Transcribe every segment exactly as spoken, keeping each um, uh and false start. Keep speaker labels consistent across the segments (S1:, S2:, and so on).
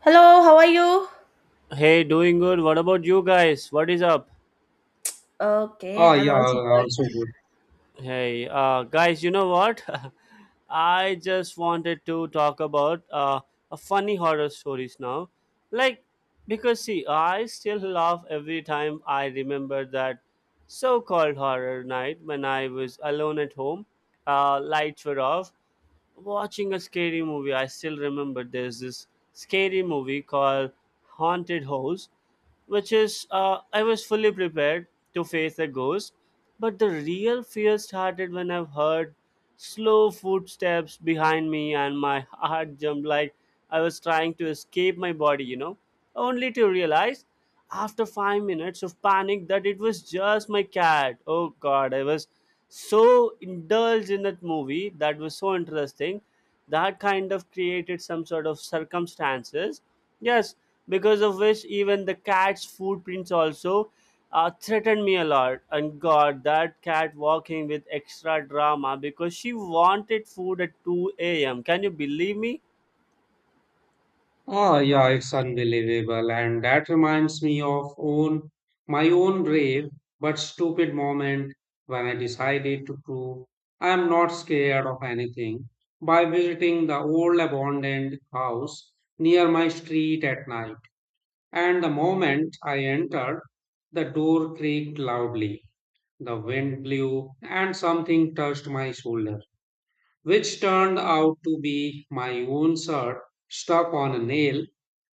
S1: Hello, how are you?
S2: Hey, doing good. What about you guys? What is up?
S1: Okay,
S3: Oh,
S1: I'm
S3: yeah,
S1: also
S3: also
S1: good.
S3: good.
S2: Hey, uh, guys, you know what? I just wanted to talk about uh, a funny horror stories now. Like, because see, I still laugh every time I remember that so called horror night when I was alone at home. Uh, lights were off, watching a scary movie. I still remember there's this scary movie called Haunted House, which is uh, I was fully prepared to face a ghost, but the real fear started when I've heard slow footsteps behind me and my heart jumped like I was trying to escape my body, you know, only to realize after five minutes of panic that it was just my cat. Oh god, I was so indulged in that movie that was so interesting that kind of created some sort of circumstances, yes, because of which even the cat's footprints also uh, threatened me a lot. And god, that cat walking with extra drama because she wanted food at two a m. Can you believe me?
S3: Oh, yeah, it's unbelievable. And that reminds me of own my own brave but stupid moment when I decided to prove I'm not scared of anything by visiting the old abandoned house near my street at night. And the moment I entered, the door creaked loudly, the wind blew, and something touched my shoulder, which turned out to be my own shirt stuck on a nail.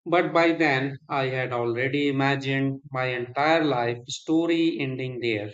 S3: But by then, I had already imagined my entire life story ending there.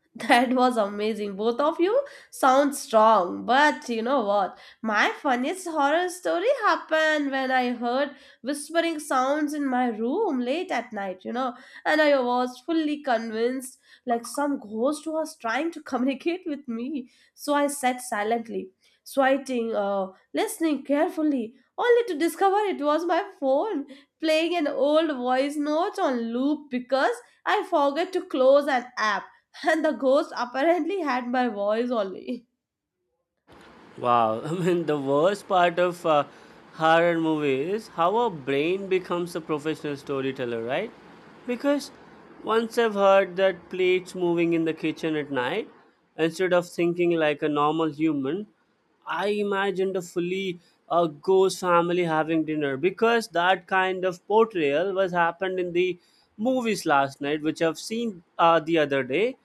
S1: That was amazing. Both of you sound strong, but you know what? My funniest horror story happened when I heard whispering sounds in my room late at night, you know, and I was fully convinced like some ghost was trying to communicate with me. So I sat silently, swiping, uh, listening carefully, only to discover it was my phone playing an old voice note on loop because I forgot to close an app. And the ghost apparently had my voice only.
S2: Wow. I mean, the worst part of uh, horror movie is how our brain becomes a professional storyteller, right? Because once I've heard that plates moving in the kitchen at night, instead of thinking like a normal human, I imagined a fully a ghost family having dinner, because that kind of portrayal was happened in the movies last night, which I've seen uh, the other day,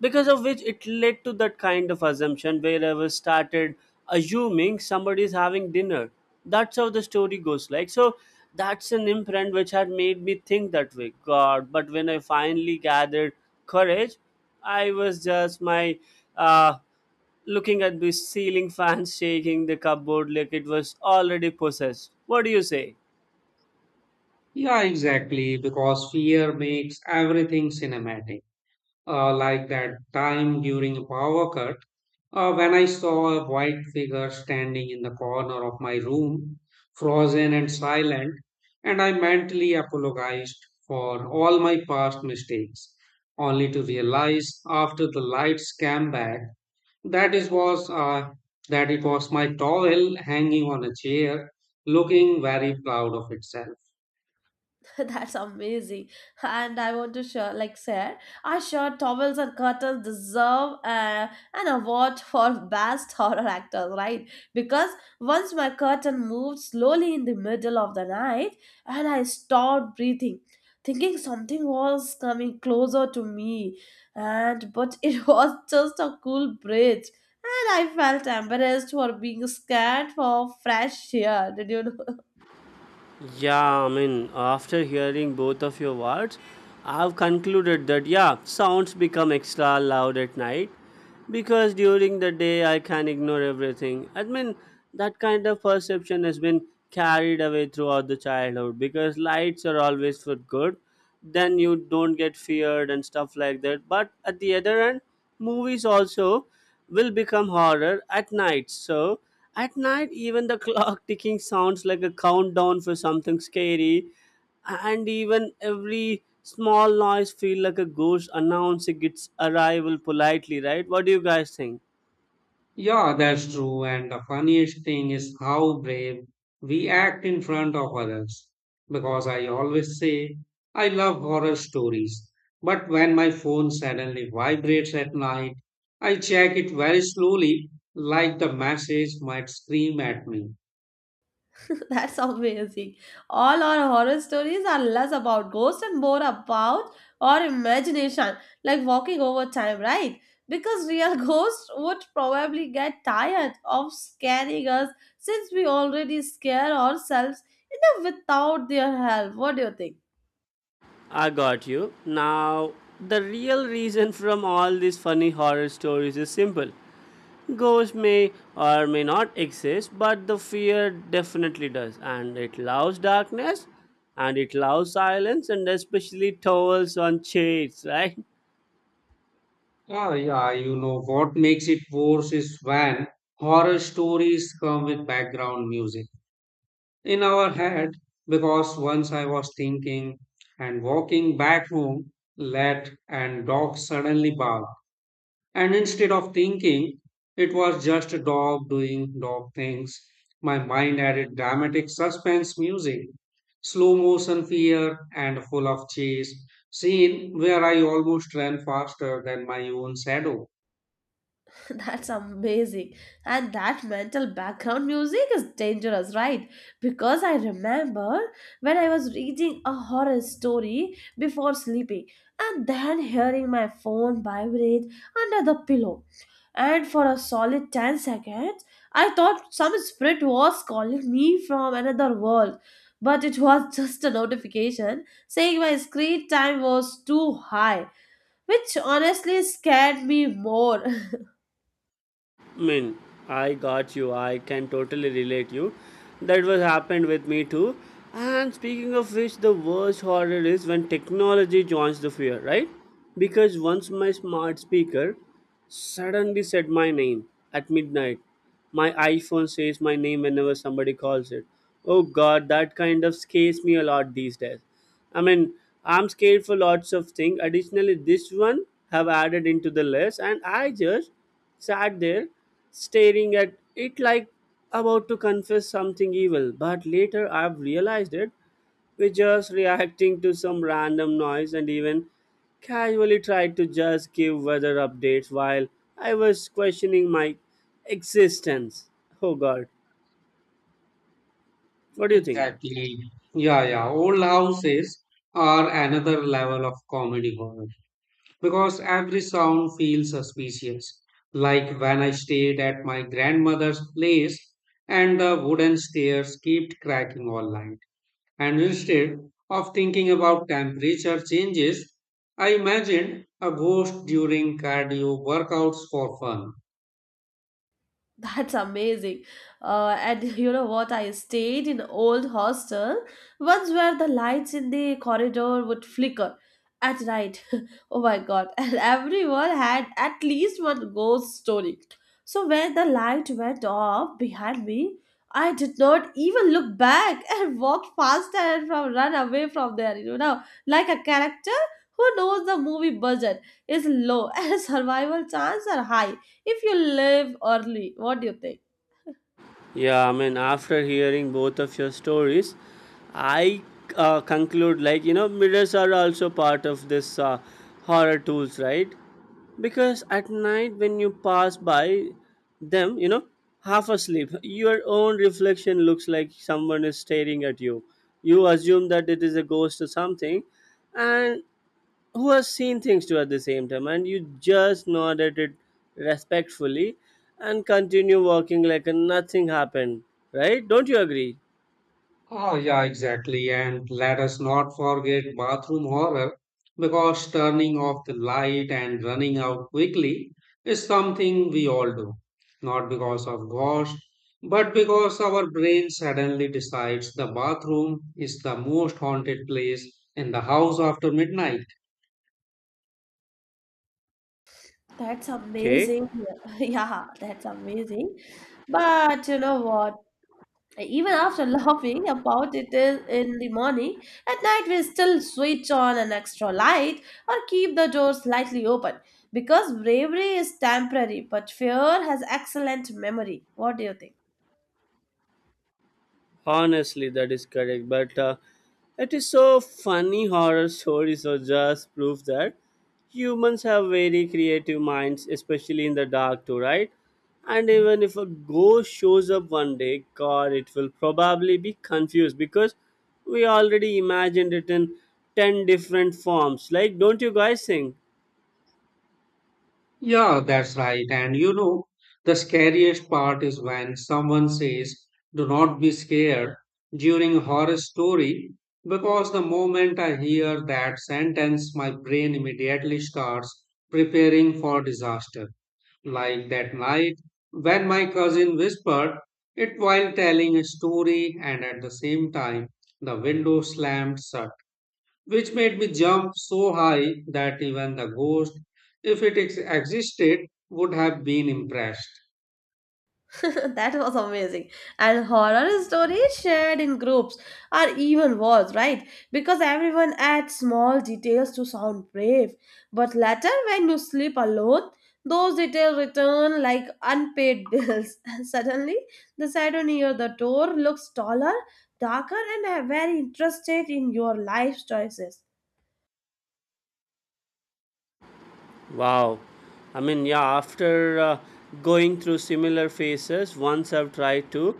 S2: because of which it led to that kind of assumption where I was started assuming somebody is having dinner. That's how the story goes. Like so, that's an imprint which had made me think that way. God, but when I finally gathered courage, I was just my uh, looking at the ceiling fan shaking the cupboard like it was already possessed. What do you say?
S3: Yeah, exactly, because fear makes everything cinematic. Uh, like that time during a power cut, Uh, when I saw a white figure standing in the corner of my room, frozen and silent, and I mentally apologized for all my past mistakes, only to realize after the lights came back that it was uh, that it was my towel hanging on a chair, looking very proud of itself.
S1: That's amazing. And I want to share, like share, our shirt towels and curtains deserve uh, an award for best horror actors, right? Because once my curtain moved slowly in the middle of the night and I stopped breathing, thinking something was coming closer to me. And but it was just a cool breeze. And I felt embarrassed for being scared for fresh air. Did you know?
S2: Yeah, I mean, after hearing both of your words, I've concluded that, yeah, sounds become extra loud at night because during the day I can ignore everything. I mean, that kind of perception has been carried away throughout the childhood because lights are always for good. Then you don't get feared and stuff like that. But at the other end, movies also will become horror at night. So at night, even the clock ticking sounds like a countdown for something scary, and even every small noise feel like a ghost announcing its arrival politely, right? What do you guys think?
S3: Yeah, that's true. And the funniest thing is how brave we act in front of others. Because I always say I love horror stories. But when my phone suddenly vibrates at night, I check it very slowly, like the message might scream at me.
S1: That's amazing. All our horror stories are less about ghosts and more about our imagination, like walking over time, right? Because real ghosts would probably get tired of scaring us since we already scare ourselves enough without their help. What do you think?
S2: I got you now. The real reason from all these funny horror stories is simple. Ghosts may or may not exist, but the fear definitely does, and it loves darkness, and it loves silence, and especially towels on shades, right?
S3: Ah, yeah, you know what makes it worse is when horror stories come with background music in our head, because once I was thinking and walking back home late and dog suddenly barked. And instead of thinking it was just a dog doing dog things, my mind added dramatic suspense music, slow motion fear and full of chase scene where I almost ran faster than my own shadow.
S1: That's amazing. And that mental background music is dangerous, right? Because I remember when I was reading a horror story before sleeping and then hearing my phone vibrate under the pillow. And for a solid ten seconds, I thought some spirit was calling me from another world. But it was just a notification saying my screen time was too high, which honestly scared me more.
S2: Mean, I got you. I can totally relate you. That was happened with me too. And speaking of which, the worst horror is when technology joins the fear, right? Because once my smart speaker suddenly said my name at midnight. My iPhone says my name whenever somebody calls it. Oh god, that kind of scares me a lot these days. I mean, I'm scared for lots of things. Additionally, this one have added into the list, and I just sat there staring at it like about to confess something evil. But later I've realized it. We just reacting to some random noise and even casually tried to just give weather updates while I was questioning my existence. Oh god, what do you think?
S3: Exactly. Exactly. Yeah, yeah. Old houses are another level of comedy horror because every sound feels suspicious. Like when I stayed at my grandmother's place and the wooden stairs kept cracking all night. And instead of thinking about temperature changes, I imagined a ghost during cardio workouts for fun.
S1: That's amazing. Uh, and you know what? I stayed in old hostel once where the lights in the corridor would flicker at night. Oh my god. And everyone had at least one ghost story. So when the light went off behind me, I did not even look back and walked faster and from run away from there, you know, like a character who knows the movie budget is low and survival chances are high if you live early, what do you think?
S2: Yeah, I mean, after hearing both of your stories, I uh, conclude like, you know, mirrors are also part of this uh, horror tools, right? Because at night when you pass by them, you know, half asleep, your own reflection looks like someone is staring at you. You assume that it is a ghost or something, and who has seen things too at the same time, and you just nod at it respectfully and continue walking like nothing happened, right? Don't you agree?
S3: Oh, yeah, exactly. And let us not forget bathroom horror, because turning off the light and running out quickly is something we all do. Not because of ghost, but because our brain suddenly decides the bathroom is the most haunted place in the house after midnight.
S1: That's
S2: Okay.
S1: amazing. Yeah, that's amazing. But you know what? Even after laughing about it is- in the morning, at night we still switch on an extra light or keep the door slightly open because bravery is temporary, but fear has excellent memory. What do you think?
S2: Honestly, that is correct. But uh, it is so funny horror stories or just proof that humans have very creative minds, especially in the dark too, right? And even if a ghost shows up one day, God, it will probably be confused because we already imagined it in ten different forms. Like, don't you guys think?
S3: Yeah, that's right. And you know, the scariest part is when someone says, "Do not be scared" during a horror story, because the moment I hear that sentence, my brain immediately starts preparing for disaster. Like that night when my cousin whispered it while telling a story, and at the same time, the window slammed shut, which made me jump so high that even the ghost, if it ex- existed, would have been impressed.
S1: That was amazing. And horror stories shared in groups are even worse, right? Because everyone adds small details to sound brave. But later, when you sleep alone, those details return like unpaid bills. And suddenly, the shadow near the door looks taller, darker, and uh, very interested in your life choices.
S2: Wow. I mean, yeah, after uh, going through similar phases, once I've tried to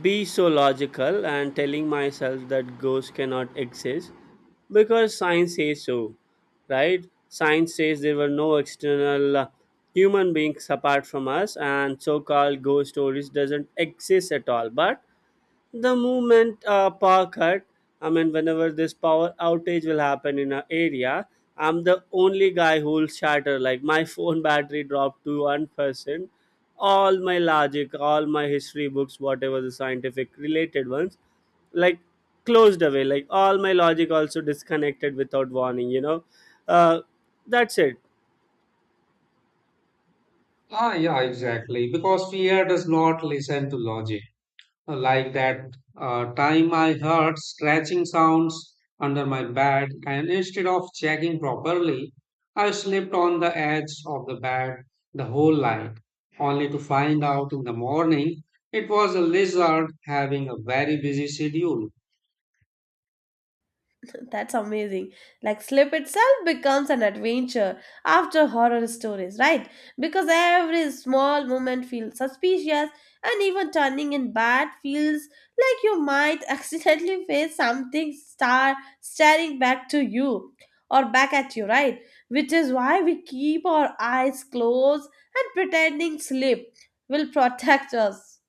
S2: be so logical and telling myself that ghosts cannot exist because science says so, right? Science says there were no external uh, human beings apart from us, and so-called ghost stories doesn't exist at all. But the moment uh, power cut, I mean, whenever this power outage will happen in an area, I'm the only guy who will shatter, like my phone battery dropped to one percent. All my logic, all my history books, whatever the scientific related ones, like closed away, like all my logic also disconnected without warning, you know. uh, that's it.
S3: Ah, yeah, exactly. Because fear does not listen to logic. Like that uh, time I heard scratching sounds under my bed, and instead of checking properly, I slipped on the edge of the bed the whole night, only to find out in the morning it was a lizard having a very busy schedule.
S1: That's amazing. Like sleep itself becomes an adventure after horror stories, right? Because every small moment feels suspicious, and even turning in bed feels like you might accidentally face something star staring back to you or back at you, right? Which is why we keep our eyes closed and pretending sleep will protect us.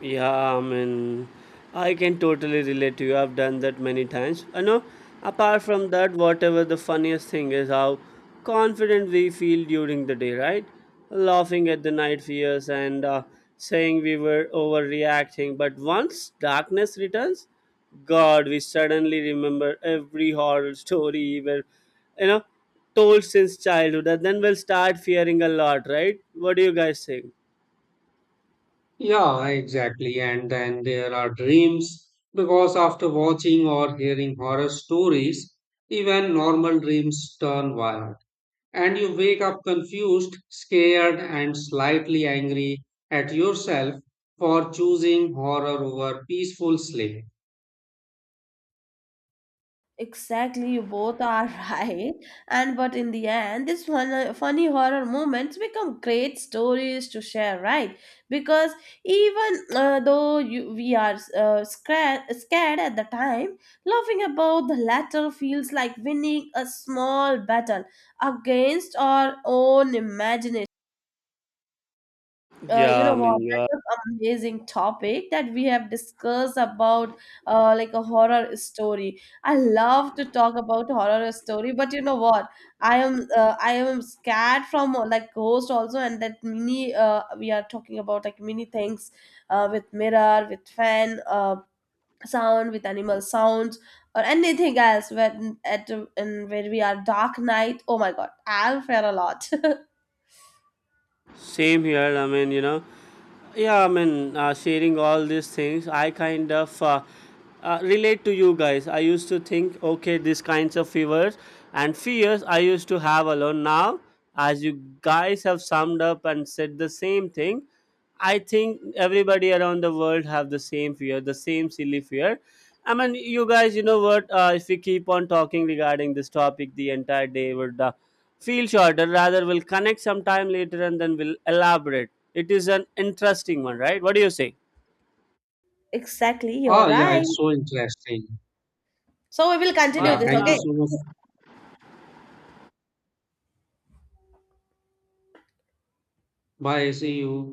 S2: Yeah, I mean, I can totally relate to you. I've done that many times. I know, apart from that, whatever the funniest thing is how confident we feel during the day, right? Laughing at the night fears and uh, saying we were overreacting. But once darkness returns, God, we suddenly remember every horror story we were, you know, told since childhood. And then we'll start fearing a lot, right? What do you guys think?
S3: Yeah, exactly. And then there are dreams, because after watching or hearing horror stories, even normal dreams turn wild. And you wake up confused, scared, and slightly angry at yourself for choosing horror over peaceful sleep.
S1: Exactly, you both are right. And but in the end, these fun, funny horror moments become great stories to share, right? Because even uh, though you, we are uh, scared, scared at the time, laughing about the latter feels like winning a small battle against our own imagination uh, you know
S2: Yeah, I
S1: what,
S2: mean,
S1: that
S2: you.
S1: was amazing topic that we have discussed about, uh, like a horror story. I love to talk about horror story, but you know what, i am uh, I am scared from uh, like ghost also. And that mini, uh, we are talking about like many things, uh, with mirror, with fan, uh, sound, with animal sounds or anything else when at in when we are dark night. Oh my god, I'll fare a lot.
S2: Same here. I mean, you know, yeah. I mean, uh, sharing all these things, I kind of uh, uh, relate to you guys. I used to think, okay, these kinds of fears and fears I used to have alone. Now, as you guys have summed up and said the same thing, I think everybody around the world have the same fear, the same silly fear. I mean, you guys, you know what? Uh, if we keep on talking regarding this topic, the entire day would uh, feel shorter, rather we'll connect sometime later and then we'll elaborate. It is an interesting one, right? What do you say?
S1: Exactly, you're
S3: Ah, yeah,
S1: right,
S3: it's so interesting.
S1: so we will continue
S2: Bye
S3: Yeah,
S1: this,
S2: for
S3: thank you
S1: okay.
S2: now.
S3: so much. Bye, see you.